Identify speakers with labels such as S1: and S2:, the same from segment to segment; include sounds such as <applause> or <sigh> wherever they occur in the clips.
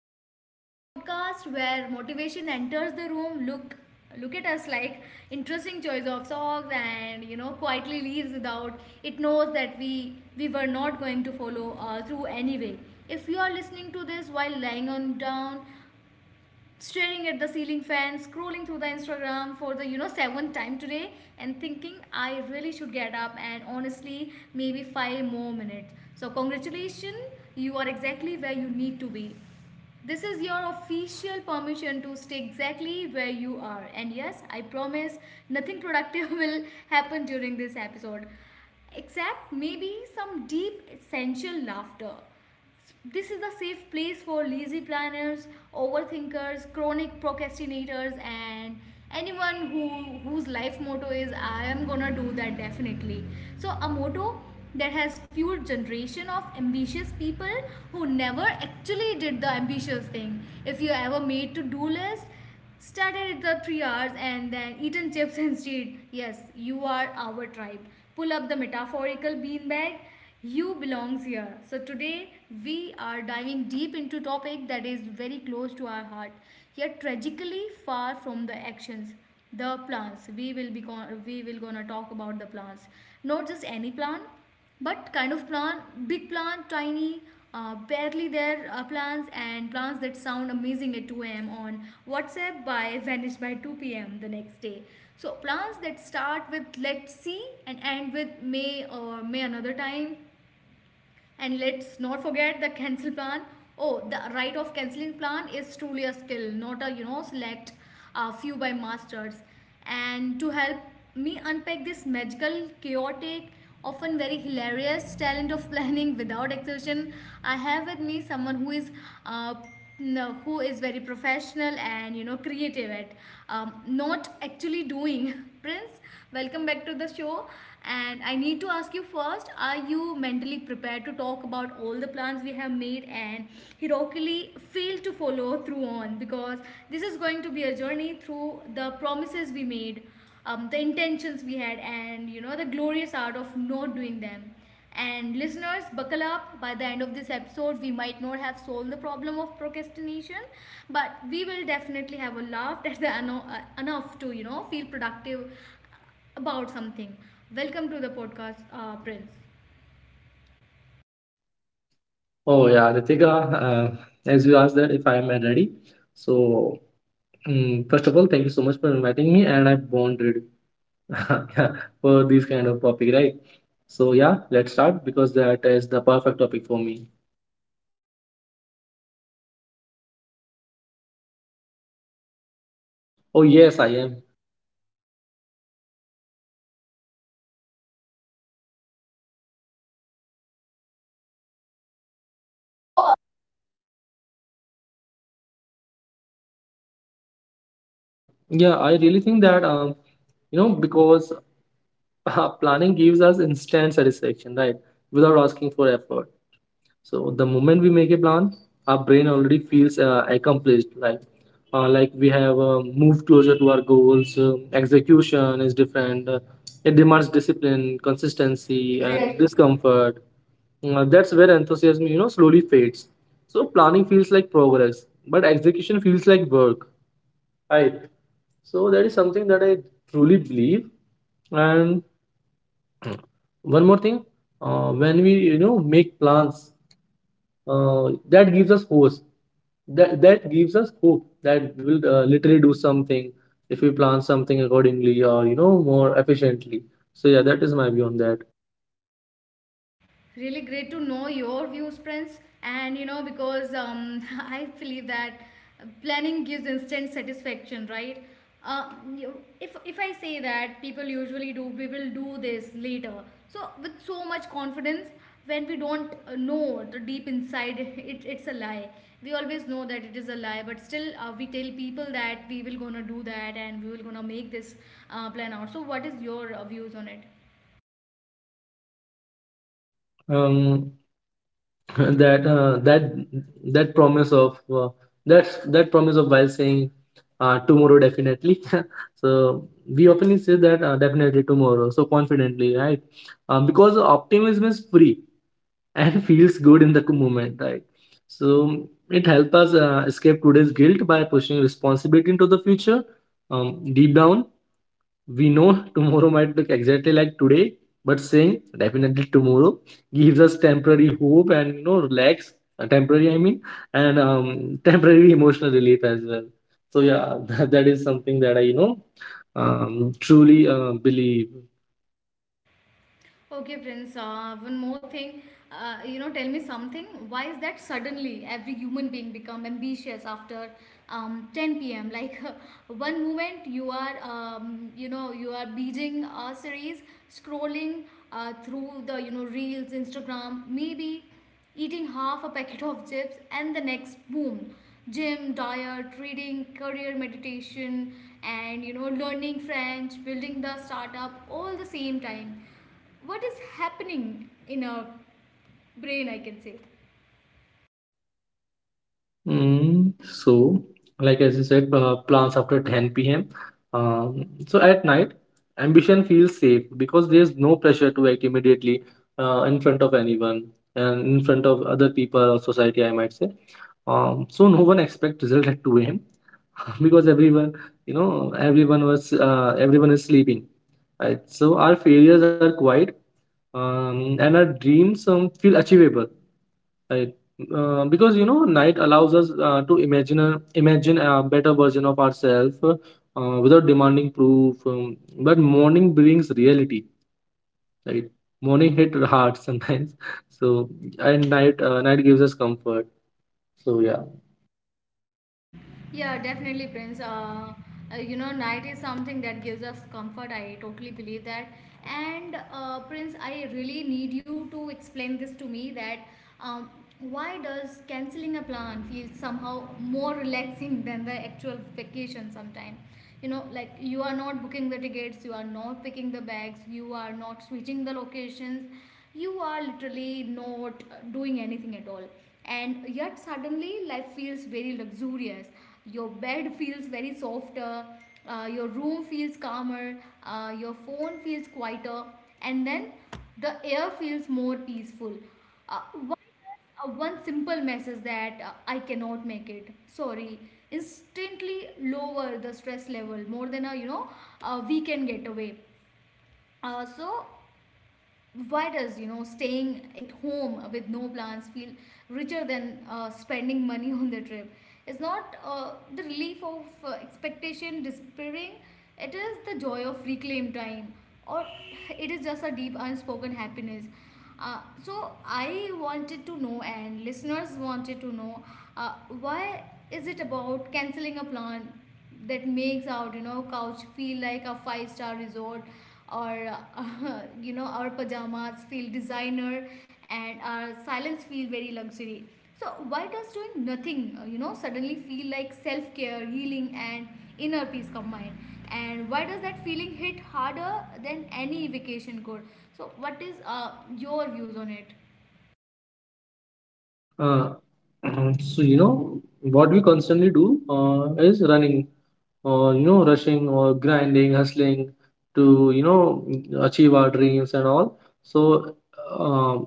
S1: Ritika, the podcast where motivation enters the room. Look, look at us like interesting choice of songs, and quietly leaves without it knows that we were not going to follow through anyway. If you are listening to this while lying on down, staring at the ceiling fan, scrolling through the Instagram for the seventh time today, and thinking I really should get up and honestly maybe five more minutes. So congratulations, you are exactly where you need to be. This is your official permission to stay exactly where you are. And yes, I promise nothing productive <laughs> will happen during this episode except maybe some deep essential laughter. This is the safe place for lazy planners, overthinkers, chronic procrastinators, and anyone who whose life motto is "I am gonna do that definitely." So a motto that has fueled generation of ambitious people who never actually did the ambitious thing. If you ever made to do list, started at the three hours and then eaten chips instead. Yes, you are our tribe. Pull up the metaphorical beanbag. You belongs here. So today we are diving deep into topic that is very close to our heart, yet tragically far from the actions. The plants. We will gonna talk about the plants. Not just any plant, but kind of plant, big plant, tiny barely there plants, and plants that sound amazing at 2 a.m. on whatsapp by vanish by 2 p.m. the next day. So plants that start with let's see and end with may or may another time. And let's not forget the cancel plan. Oh, the right of canceling plan is truly a skill, not a select a few by masters. And to help me unpack this magical, chaotic, often very hilarious talent of <laughs> planning without exertion, I have with me someone who is uh, no, who is very professional and creative at not actually doing. <laughs> Prince, welcome back to the show. And I need to ask you first: are you mentally prepared to talk about all the plans we have made and heroically fail to follow through on? Because this is going to be a journey through the promises we made, the intentions we had, and the glorious art of not doing them. And listeners, buckle up. By the end of this episode, we might not have solved the problem of procrastination, but we will definitely have a laugh that's enough to, you know, feel productive about something. Welcome to the podcast, Prince.
S2: Oh yeah, Ritika, as you asked that if I am ready. So First of all, thank you so much for inviting me, and I bonded <laughs> for this kind of topic, right? So yeah, let's start because that is the perfect topic for me. Oh yes, I am. So, uh, Yeah, I really think that you know because <laughs> planning gives us instant satisfaction, right? Without asking for effort. So the moment we make a plan, our brain already feels accomplished. Like we have moved closer to our goals. Execution is different. It demands discipline, consistency, and Exactly.
S1: Exactly.
S2: discomfort. That's where enthusiasm, you know, slowly fades. So planning feels like progress, but execution feels like work. Right. So that is something that I truly believe. And one more thing, when we you know make plans, uh, that gives us hope that that gives us hope that we will literally do something if we plan something accordingly or you know more efficiently so yeah that is my view on that.
S1: Really great to know your views, Prince. And you know, because <laughs> I believe that planning gives instant satisfaction, right? If I say that people usually do, we will do this later, so with so much confidence, when we don't know the deep inside, <laughs> it's a lie. We always know that it is a lie, but still we tell people that we will gonna do that and we will gonna make this plan out. So what is your views on it?
S2: um <laughs> that uh, that that promise of that promise of while saying tomorrow definitely. <laughs> So we often say that definitely tomorrow so confidently, right? Because optimism is free and <laughs> feels good in the moment, right? So it helps us escape today's guilt by pushing responsibility into the future. Deep down, we know <laughs> tomorrow might look exactly like today, but saying definitely tomorrow gives us temporary hope and you know relax. Uh, temporary, I mean, and <laughs> temporary emotional relief as well. So yeah, <laughs> that is something that I you know truly believe.
S1: Okay, Prince. One more thing. You know, tell me something. Why is that suddenly every human being become ambitious after 10 p.m.? Like <laughs> one moment you are, you know, you are binging a series, scrolling through the reels, Instagram, maybe eating half a packet of chips, and the next boom, gym, diet, reading, career, meditation, and you know, learning French, building the startup, all the same time. What is happening in our brain, I can say?
S2: Mm, so, like as you said, plans after 10 p.m. So at night, ambition feels safe because there's no pressure to act immediately in front of anyone and in front of other people or society, I might say. So no one expects result at 2 a.m. <laughs> Because everyone, you know, everyone was everyone is sleeping. Right? So our failures are quiet, and our dreams feel achievable. Right. Because you know, night allows us imagine a better version of ourselves without demanding proof. But morning brings reality, right? Morning hit hard sometimes. <laughs> So and night night gives us comfort. So yeah.
S1: Yeah, definitely, Prince. You know, night is something that gives us comfort. I totally believe that. And Prince, I really need you to explain this to me that um, why does canceling a plan feel somehow more relaxing than the actual vacation sometime? You know, like you are not booking the tickets, you are not picking the bags, you are not switching the locations, you are literally not doing anything at all, and yet suddenly life feels very luxurious, your bed feels very softer, your room feels calmer, your phone feels quieter, and then the air feels more peaceful. uh, why? One simple message that, "I cannot make it. Sorry," instantly lower the stress level more than a a weekend getaway. So why does, you know, staying at home with no plans feel richer than spending money <laughs> on the trip? It's not the relief of expectation despairing, it is the joy of reclaimed time, or it is just a deep unspoken happiness. So I wanted to know, and listeners wanted to know, uh, why is it about canceling a plan that makes out, you know, couch feel like a five-star resort, or <laughs> you know our pajamas feel designer, and our silence feel very luxury. So why does doing nothing you know suddenly feel like self care, healing, and inner peace combined? And why does that feeling hit harder than any vacation could? So what is your views on it?
S2: Uh, <clears throat> so you know what we constantly do is running or you know rushing or grinding, hustling to you know achieve our dreams and all. So. Um,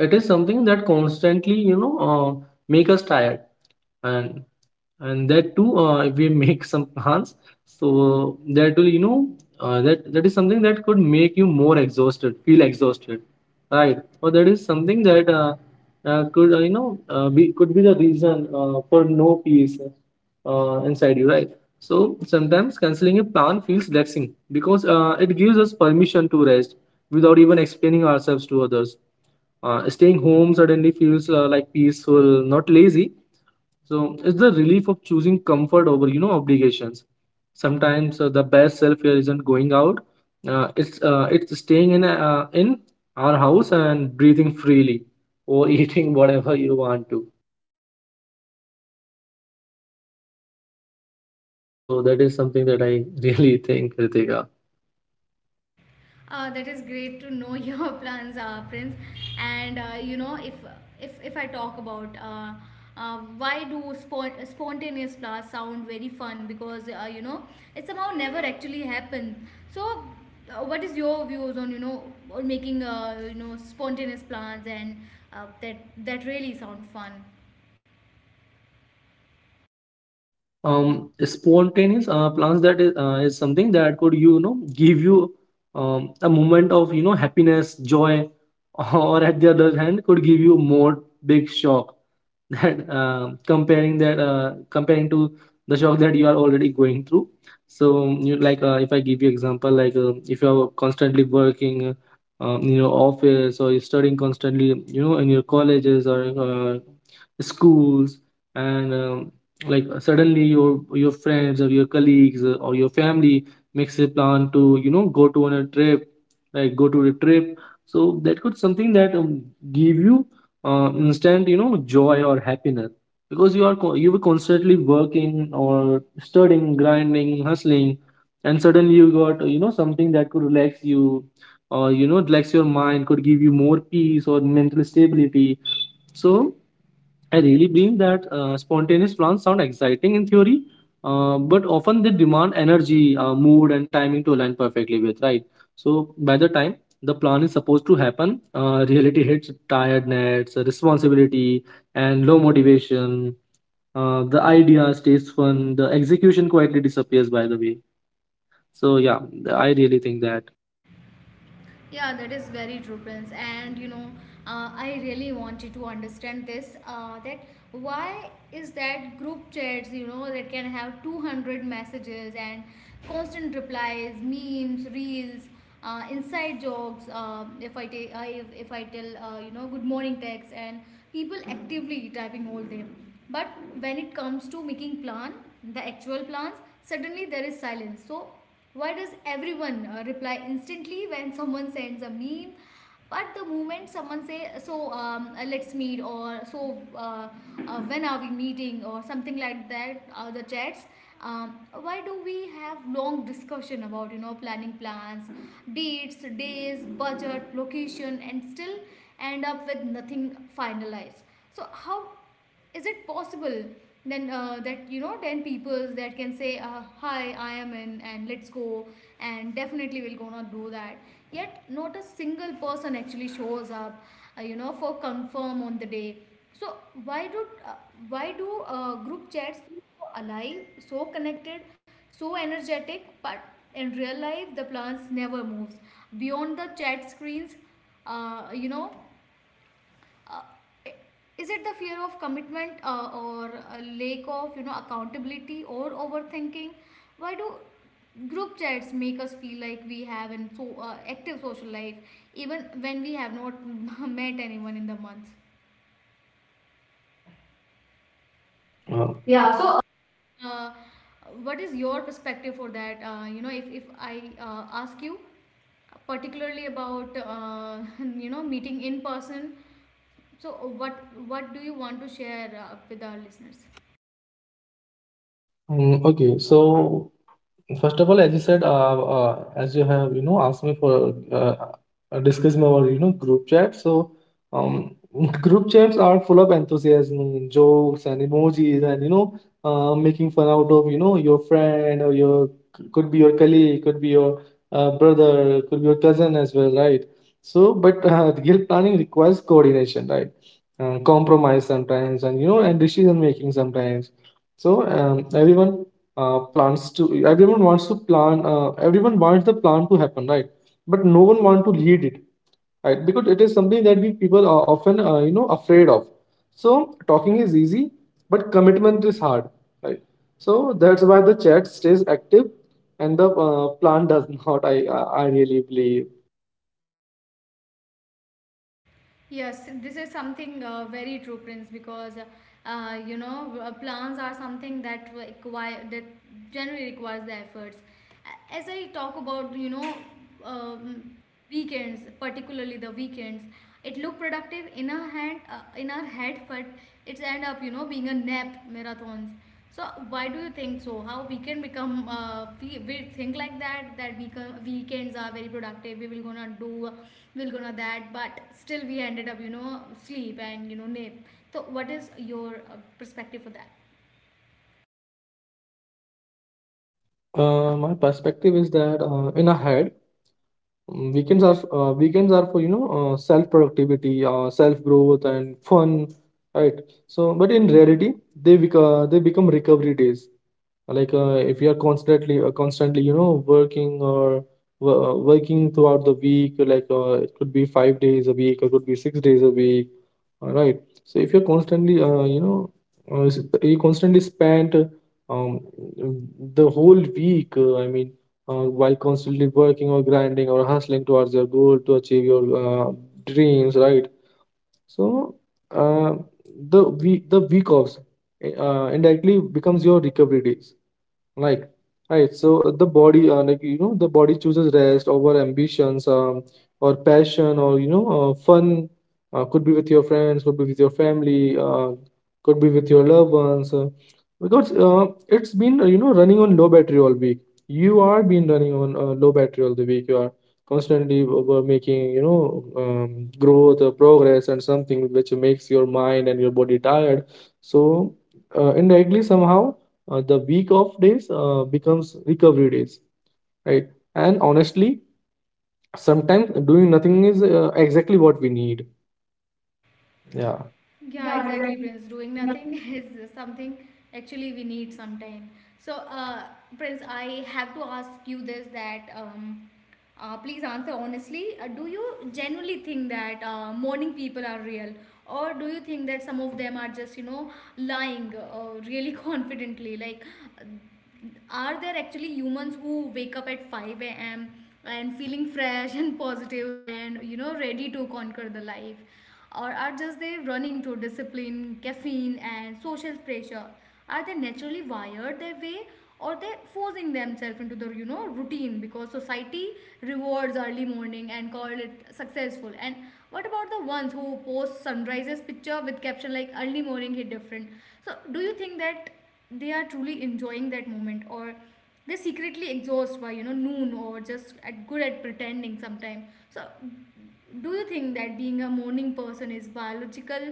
S2: it is something that constantly you know make us tired and that too if we <laughs> make some plans so that will that is something that could make you more exhausted feel exhausted, right? Or that is something that could be the reason for no peace inside you, right? So sometimes canceling a plan feels relaxing because it gives us permission to rest without even explaining ourselves to others. Staying home suddenly feels peaceful, not lazy. So it's the relief of choosing comfort over, you know, obligations. Sometimes the best self care isn't going out. It's staying in our house and breathing freely or <laughs> eating whatever you want to. Yeah, so that is something that I <laughs> really think, Ritika.
S1: That is great to know <laughs> your plans, Prince. And you know, if I talk about why do spontaneous flowers sound very fun, because you know, it somehow never actually happens. So, what is your views on, you know, on making you know spontaneous plans, and uh, that that really sound fun?
S2: Spontaneous plans, is something that could you know give you a moment of you know happiness, joy, <laughs> or at the other hand could give you more big shock, <laughs> that comparing that comparing to the shock that you are already going through. So like if I give you example, like if you are constantly working in your office, or you're studying constantly you know in your colleges or schools, and like suddenly your friends or your colleagues or your family makes a plan to you know go to a trip. So that could something that give you instant you know joy or happiness, because you were constantly working or studying, grinding, hustling, and suddenly you got you know something that could relax you or you know relax your mind, could give you more peace or mental stability. So I really believe that spontaneous plans sound exciting in theory, but often they demand energy, mood, and timing to align perfectly with, right? So, by the time the plan is supposed to happen, reality hits tiredness, responsibility, and low motivation. The idea stays fun, the execution quietly disappears, by the way. So, yeah, I really think that.
S1: Yeah, that is very true, Prince. And you know, I really wanted to understand this. That why is that group chats? You know, that can have 200 messages and constant replies, memes, reels, inside jokes. If I take, I if I tell, you know, good morning text, and people actively typing all day. But when it comes to making plan, the actual plans, suddenly there is silence. So why does everyone reply instantly when someone sends a meme? But the moment someone say so, "let's meet" or so, "when are we meeting" or something like that, the chats. Why do we have long discussion about, you know, planning plans, dates, days, budget, location, and still end up with nothing finalized? So how is it possible then that, you know, 10 peoples that can say, "hi, I am in and let's go and definitely we'll gonna do that," yet not a single person actually shows up you know for confirm on the day. So why do uh, why do group chats feel so alive, so connected, so energetic, but in real life the plans never moves beyond the chat screens? uh, you know uh, is it the fear of commitment, or a lack of, you know, accountability, or overthinking? Why do group chats make us feel like we have an so active social life even when we have not <laughs> met anyone in the month?
S2: Uh, Yeah, so
S1: Uh, what is your perspective for that? You know, if I ask you particularly about <laughs> you know meeting in person, so what what do you want to share with our listeners?
S2: Mm, okay, so First of all, as you said, as you have, you know, asked me for discussing about, you know, group chat. So, um, <laughs> group chats are full of enthusiasm, jokes, and emojis, and you know, making fun out of, you know, your friend or your could be your colleague, could be your brother, could be your cousin as well, right? So, but <laughs> real planning requires coordination, right? Compromise sometimes, and you know, and decision making sometimes. So, everyone plans to everyone wants to plan, everyone wants the plan to happen, right? But no one wants to lead it, right? Because it is something that we people are often you know afraid of. So talking is easy, but commitment is hard, right? So that's why the chat stays active and the plan does not. I really believe.
S1: Yes, this is something very true, Prince, because you know plans are something that require that generally requires the efforts. As I talk about, you know, um, weekends, particularly the weekends, it look productive in our hand, in our head, but it's end up, you know, being a nap marathons. So why do you think so? How we can become we think like that, weekends are very productive. We'll gonna that, but still we ended up, you know, sleep and you know nap. So what is your perspective for that?
S2: My perspective is that in a head, Mm, weekends are for you know self productivity, self growth, and fun, right? So, but in reality, they become recovery days. Like if you are constantly you know working or working throughout the week, like it could be 5 days a week or could be 6 days a week, all right? So if you're constantly you know you constantly spend um, the whole week, I mean, while constantly working or grinding or hustling towards your goal to achieve your dreams, right? So uh, the week offs indirectly becomes your recovery days. Like, right. So the body, like you know, the body chooses rest over ambitions, or passion, or you know, fun. Could be with your friends, could be with your family, could be with your loved ones. Because It's been you know running on low battery all week. You are been running on low battery all the week. You are constantly over making you know growth, progress, and something which makes your mind and your body tired. So indirectly somehow the week of days becomes recovery days, right? And honestly, sometimes doing nothing is exactly what we need. Yeah.
S1: Yeah,
S2: Yeah,
S1: exactly, Prince. Doing nothing <laughs>
S2: exactly.
S1: is something actually we need sometime. So, Prince, I have to ask you this that please answer honestly. Do you genuinely think that morning people are real, or do you think that some of them are just, you know, lying really <laughs> confidently? Like, are there actually humans who wake up at 5 a.m. and feeling fresh and positive and ready to conquer the life, or are just they running to discipline caffeine and social pressure? Are they naturally wired that way, or they forcing themselves into the routine because society rewards early morning and call it successful? And what about the ones who post sunrises picture with caption like early morning hit different? So do you think that they are truly enjoying that moment, or they're secretly exhausted by noon, or just at good at pretending sometime? So do you think that being a morning person is biological,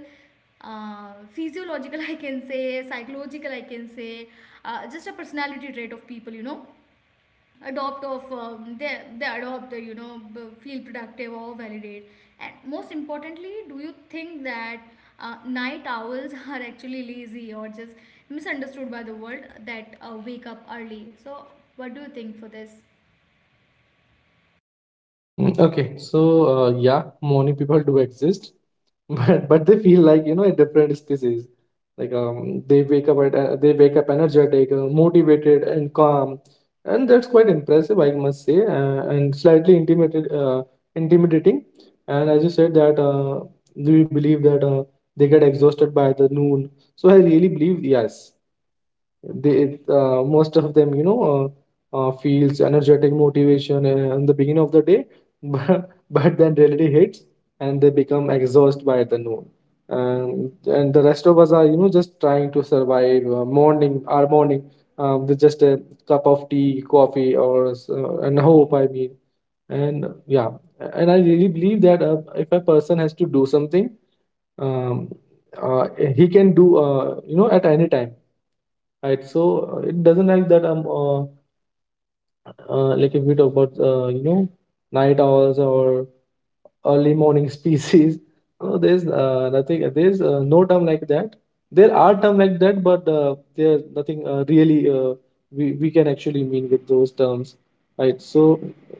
S1: physiological <laughs> I can say, psychological I can say, just a personality trait of people adopt of, they adopt feel productive or validate? And most importantly, do you think that night owls <laughs> are actually lazy or just misunderstood by the world, that wake up early? So what do you think for this?
S2: Mm, okay, so yeah, morning people do exist <laughs> but they feel like you know a different species. Like they wake up energetic, motivated, and calm, and that's quite impressive, I must say, and slightly intimidated intimidating. And as you said that do you believe that they get exhausted by the noon? So I really believe yes. They most of them you know feels energetic motivation in the beginning of the day, <laughs> but then reality hits and they become exhausted by the noon. Um, and the rest of us are you know just trying to survive morning our morning with just a cup of tea, coffee, and hope, I mean. And yeah, and I really believe that if a person has to do something, um, uh, he can do you know at any time. Right, so it doesn't like that. Like if we talk about you know night owls or early morning <laughs> species, no, there's nothing. There's no term like that. There are term like that, but there's nothing really we can actually mean with those terms, right? So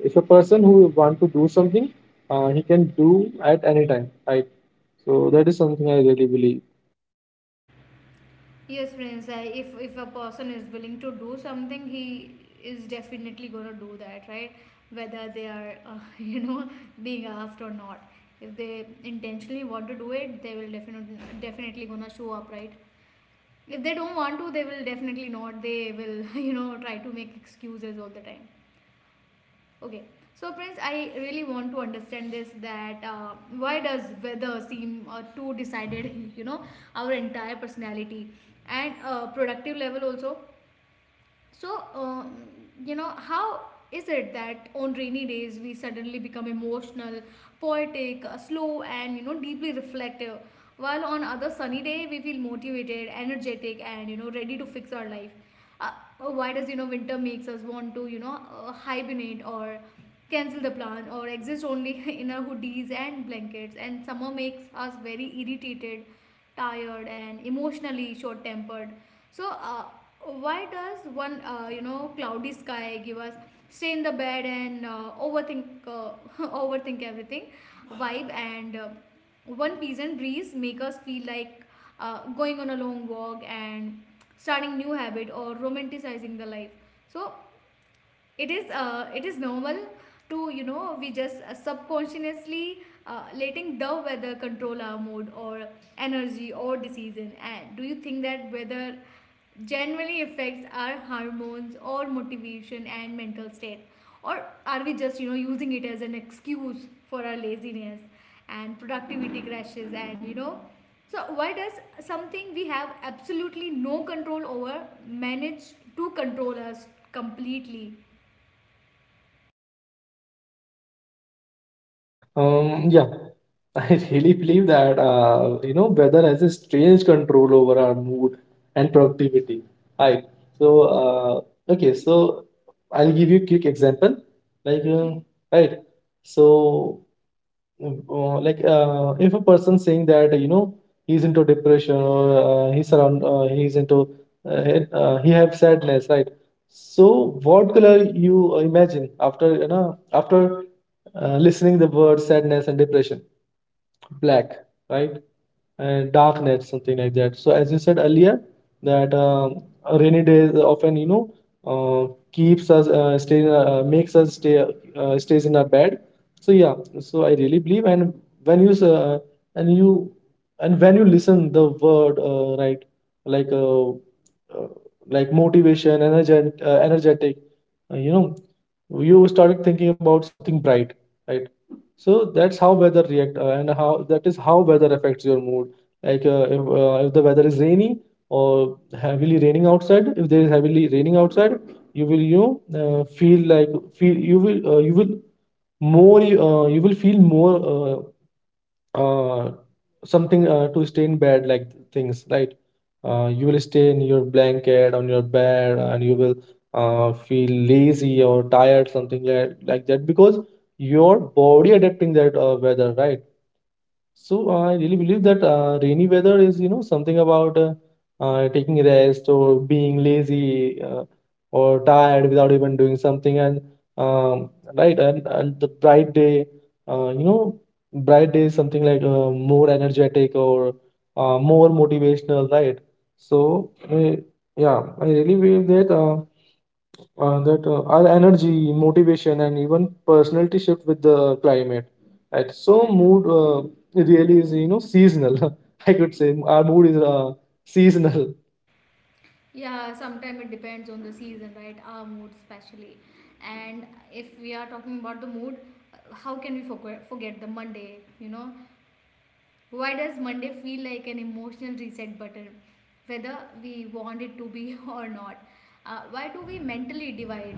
S2: if a person who want to do something, he can do at any time, right? So that is something I really believe.
S1: Yes, Prince. I, if a person is willing to do something, he is definitely gonna do that, right? Whether they are, <laughs> being asked or not. If they intentionally want to do it, they will definitely gonna show up, right? If they don't want to, they will definitely not, they will <laughs> try to make excuses all the time. Okay. So, Prince, I really want to understand this that why does weather seem too decided, <laughs> you know our entire personality and productive level also. So, how is it that on rainy days we suddenly become emotional, poetic, slow, and, deeply reflective, while on other sunny day we feel motivated, energetic, and, ready to fix our life? Uh, why does, winter makes us want to, hibernate or cancel the plan or exist only <laughs> in our hoodies and blankets, and summer makes us very irritated, tired, and emotionally short tempered? So why does one cloudy sky give us stay in the bed and overthink, <laughs> overthink everything vibe, and one pleasant breeze make us feel like going on a long walk and starting new habit or romanticizing the life? So, it is normal to, we just subconsciously letting the weather control our mood or energy or decision? And do you think that weather generally affects our hormones or motivation and mental state, or are we just using it as an excuse for our laziness and productivity crashes? And, so why does something we have absolutely no control over manage to control us completely?
S2: Yeah, <laughs> I really believe that you know weather has a strange control over our mood and productivity. Hi. So okay, so I'll give you a quick example. Like uh, right, so if a person saying that he's into depression or he's into he have sadness, right? So what color you imagine after after listening the word sadness and depression? Black, right? And dark net, something like that. So as you said earlier that rainy days often keeps us makes us stay stays in our bed. So yeah, so I really believe. And when you and you and when you listen the word right, like uh, uh, like motivation, energetic, energetic, uh, you know you started thinking about something bright, right? So that's how weather react and how that is how weather affects your mood. If the weather is rainy or heavily raining outside, if there is heavily raining outside, you will, feel, you will more, you will feel more, uh, uh, something to stay in bed, like things, right? You will stay in your blanket on your bed, and you will feel lazy or tired, something like that, because your body adapting that weather, right? So I really believe that rainy weather is, you know, something about taking rest or being lazy, or tired without even doing something. And um, right, and the bright day, uh, you know, bright day is something like more energetic or more motivational, right? So yeah, I really believe that. Our energy, motivation, and even personality shift with the climate. Right. So mood really is, you know, seasonal. <laughs> I could say our mood is seasonal.
S1: Yeah, sometimes it depends on the season, right? Our mood, especially. And if we are talking about the mood, how can we forget the Monday? You know, why does Monday feel like an emotional reset button, whether we want it to be <laughs> or not? Why do we mentally divide,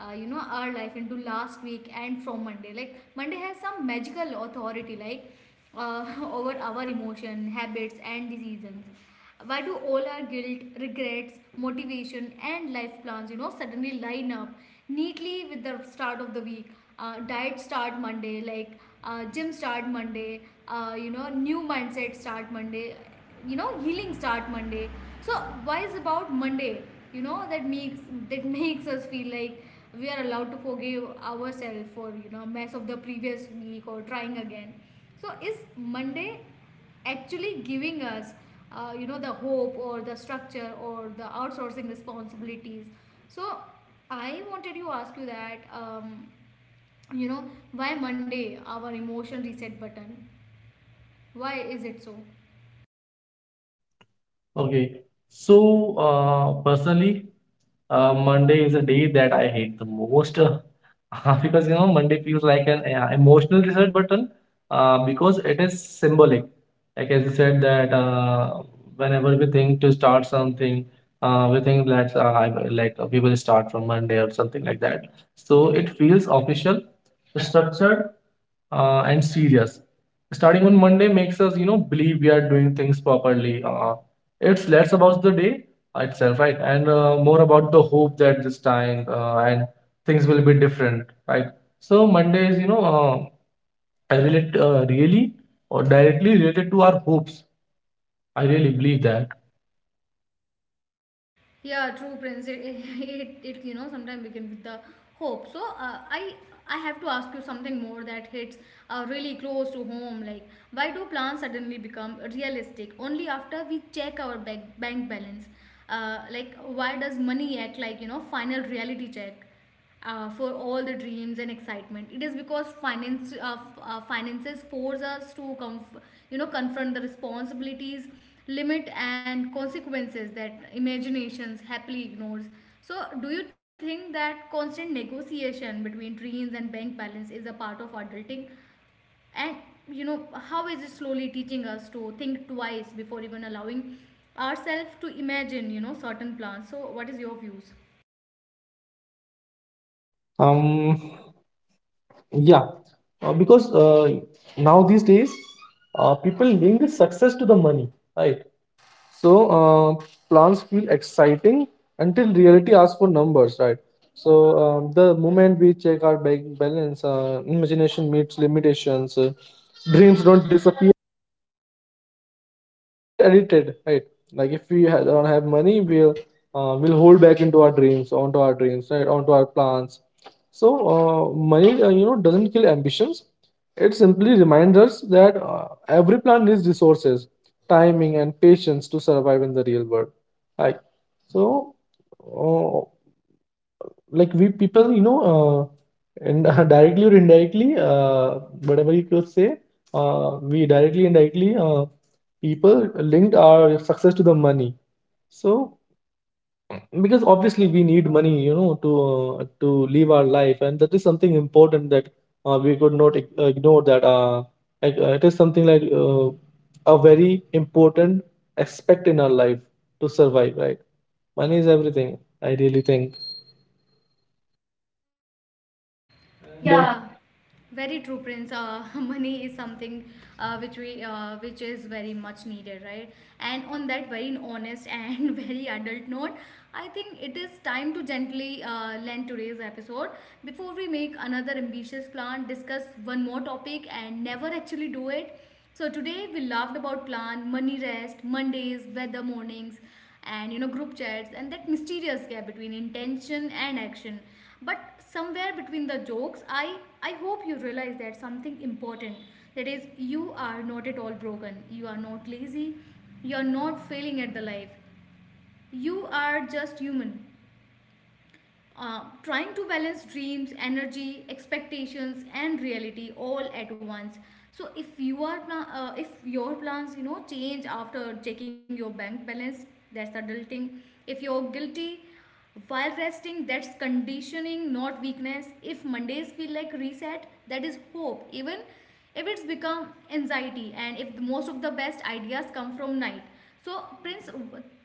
S1: our life into last week and from Monday? Like Monday has some magical authority, like, uh, <laughs> over our emotion, habits, and the seasons. Why do all our guilt regrets motivation and life plans suddenly line up neatly with the start of the week? Diet start Monday, like, gym start Monday, new mindset start Monday, healing start Monday. So why is about Monday, that makes, that <laughs> makes us feel like we are allowed to forgive ourselves for, mess of the previous week or trying again? So is Monday actually giving us the hope or the structure or the outsourcing responsibilities? So I wanted to ask you that, you know why Monday our emotion reset button? Why is it so?
S2: Okay. So, personally, Monday is a day that I hate the most <laughs> because, you know, Monday feels like an emotional reset button, because it is symbolic. Like as you said that whenever we think to start something, we think that I will- like we will start from Monday or something like that. So it feels official, structured, and serious. Starting on Monday makes us, you know, believe we are doing things properly. It's less about the day itself, right? And more about the hope that this time and things will be different, right? So Monday is, you know, I relate really or directly related to our hopes. I really believe that.
S1: Yeah, true, Prince. <laughs> It, sometimes begin with the hope. So, I have to ask you something more that hits really close to home. Like, why do plans suddenly become realistic only after we check our bank balance? Like, why does money act like, final reality check for all the dreams and excitement? It is because finances force us to confront the responsibilities, limit and consequences that imaginations happily ignores. So, do you think that constant negotiation between dreams and bank balance is a part of adulting? And how is it slowly teaching us to think twice before even allowing ourselves to imagine certain plans? So, what is your views?
S2: Um, yeah, because now these days, people link success to the money, right? So plans feel exciting until reality asks for numbers, right? So the moment we check our bank balance, imagination meets limitations. Dreams don't disappear, but they get edited, right? Like if we don't have money, we'll hold back into our dreams, onto our dreams, right, onto our plans. So money you know, doesn't kill ambitions. It simply reminds us that every plan needs resources, timing, and patience to survive in the real world. Like, so uh, like we people, you know, and <laughs> directly or indirectly, whatever you could say, we directly and indirectly, people linked our success to the money. So, because obviously we need money, you know, to live our life, and that is something important that we could not ignore that, it is something like a very important aspect in our life to survive, right? Money is everything, I really think. And yeah.
S1: Yeah, very true, Prince. <laughs> Money is something which is very much needed, right? And on that very honest and <laughs> very adult note, I think it is time to gently land today's episode. Before we make another ambitious plan, discuss one more topic, and never actually do it. So today we laughed about plan, money rest, Mondays, weather mornings, and group chats, and that mysterious gap between intention and action, but somewhere between the jokes I hope you realize that something important, that is, you are not at all broken, you are not lazy, you are not failing at the life, you are just human, trying to balance dreams, energy, expectations, and reality all at once. So if you are if your plans change after checking your bank balance, that's adulting. If you're guilty while resting, that's conditioning, not weakness. If Mondays feel like reset, that is hope. Even if it's become anxiety, and if the, most of the best ideas come from night. So, Prince,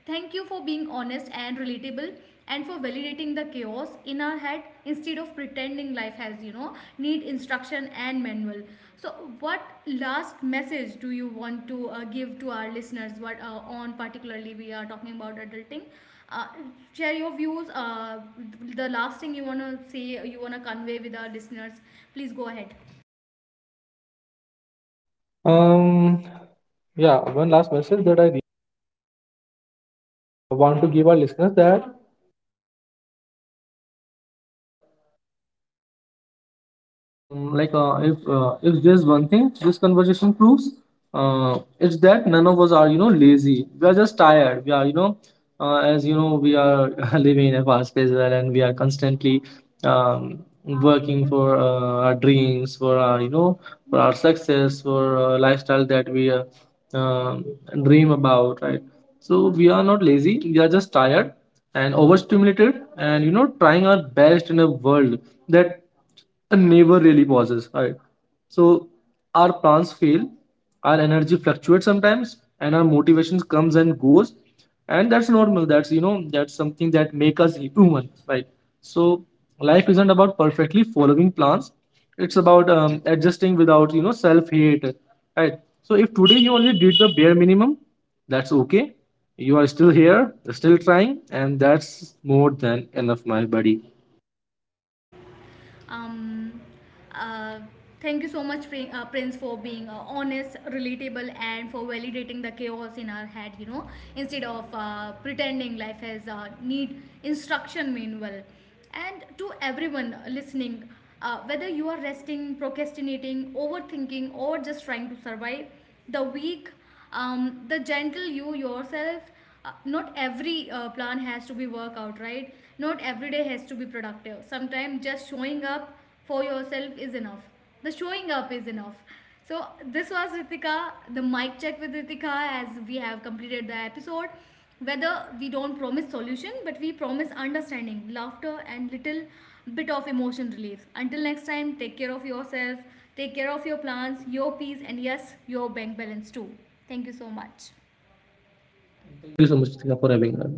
S1: thank you for being honest and relatable and for validating the chaos in our head instead of pretending life has, need instruction and manual. So, what last message do you want to give to our listeners? What on particularly we are talking about adulting? Uh, share your views. The last thing you wanna say, you wanna convey with our listeners. Please go ahead.
S2: um Yeah, one last message that I want to give our listeners, that if there's one thing this conversation proves, it's that none of us are, you know, lazy. We are just tired. We are, as you know, we are <laughs> living in a fast-paced world, and we are constantly um, working for our dreams, for our, for our success, for lifestyle that we um, dream about, right? So we are not lazy. We are just tired and overstimulated, and, you know, trying our best in a world that never really pauses, right? So our plans fail, our energy fluctuates sometimes, and our motivation comes and goes, and that's normal. That's, you know, that's something that make us human, right? So life isn't about perfectly following plans. It's about adjusting without, you know, self hate, right? So if today you only did the bare minimum, that's okay. You are still here, still trying, and that's more than enough, my buddy.
S1: Um, uh, thank you so much, Prince, for being honest, relatable, and for validating the chaos in our head. Instead of pretending life has a need instruction manual. And to everyone listening, whether you are resting, procrastinating, overthinking, or just trying to survive the week, the gentle you yourself, not every plan has to be work out, right? Not every day has to be productive. Sometimes just showing up for yourself is enough. The showing up is enough. So this was Ritika, the Mic Check with Ritika. As we have completed the episode, whether, we don't promise solution, but we promise understanding laughter and little bit of emotion relief. Until next time, take care of yourself. Take care of your plans, your peace, and yes, your bank balance too. Thank you so much.
S2: And thank you so much, Ritika, for having me.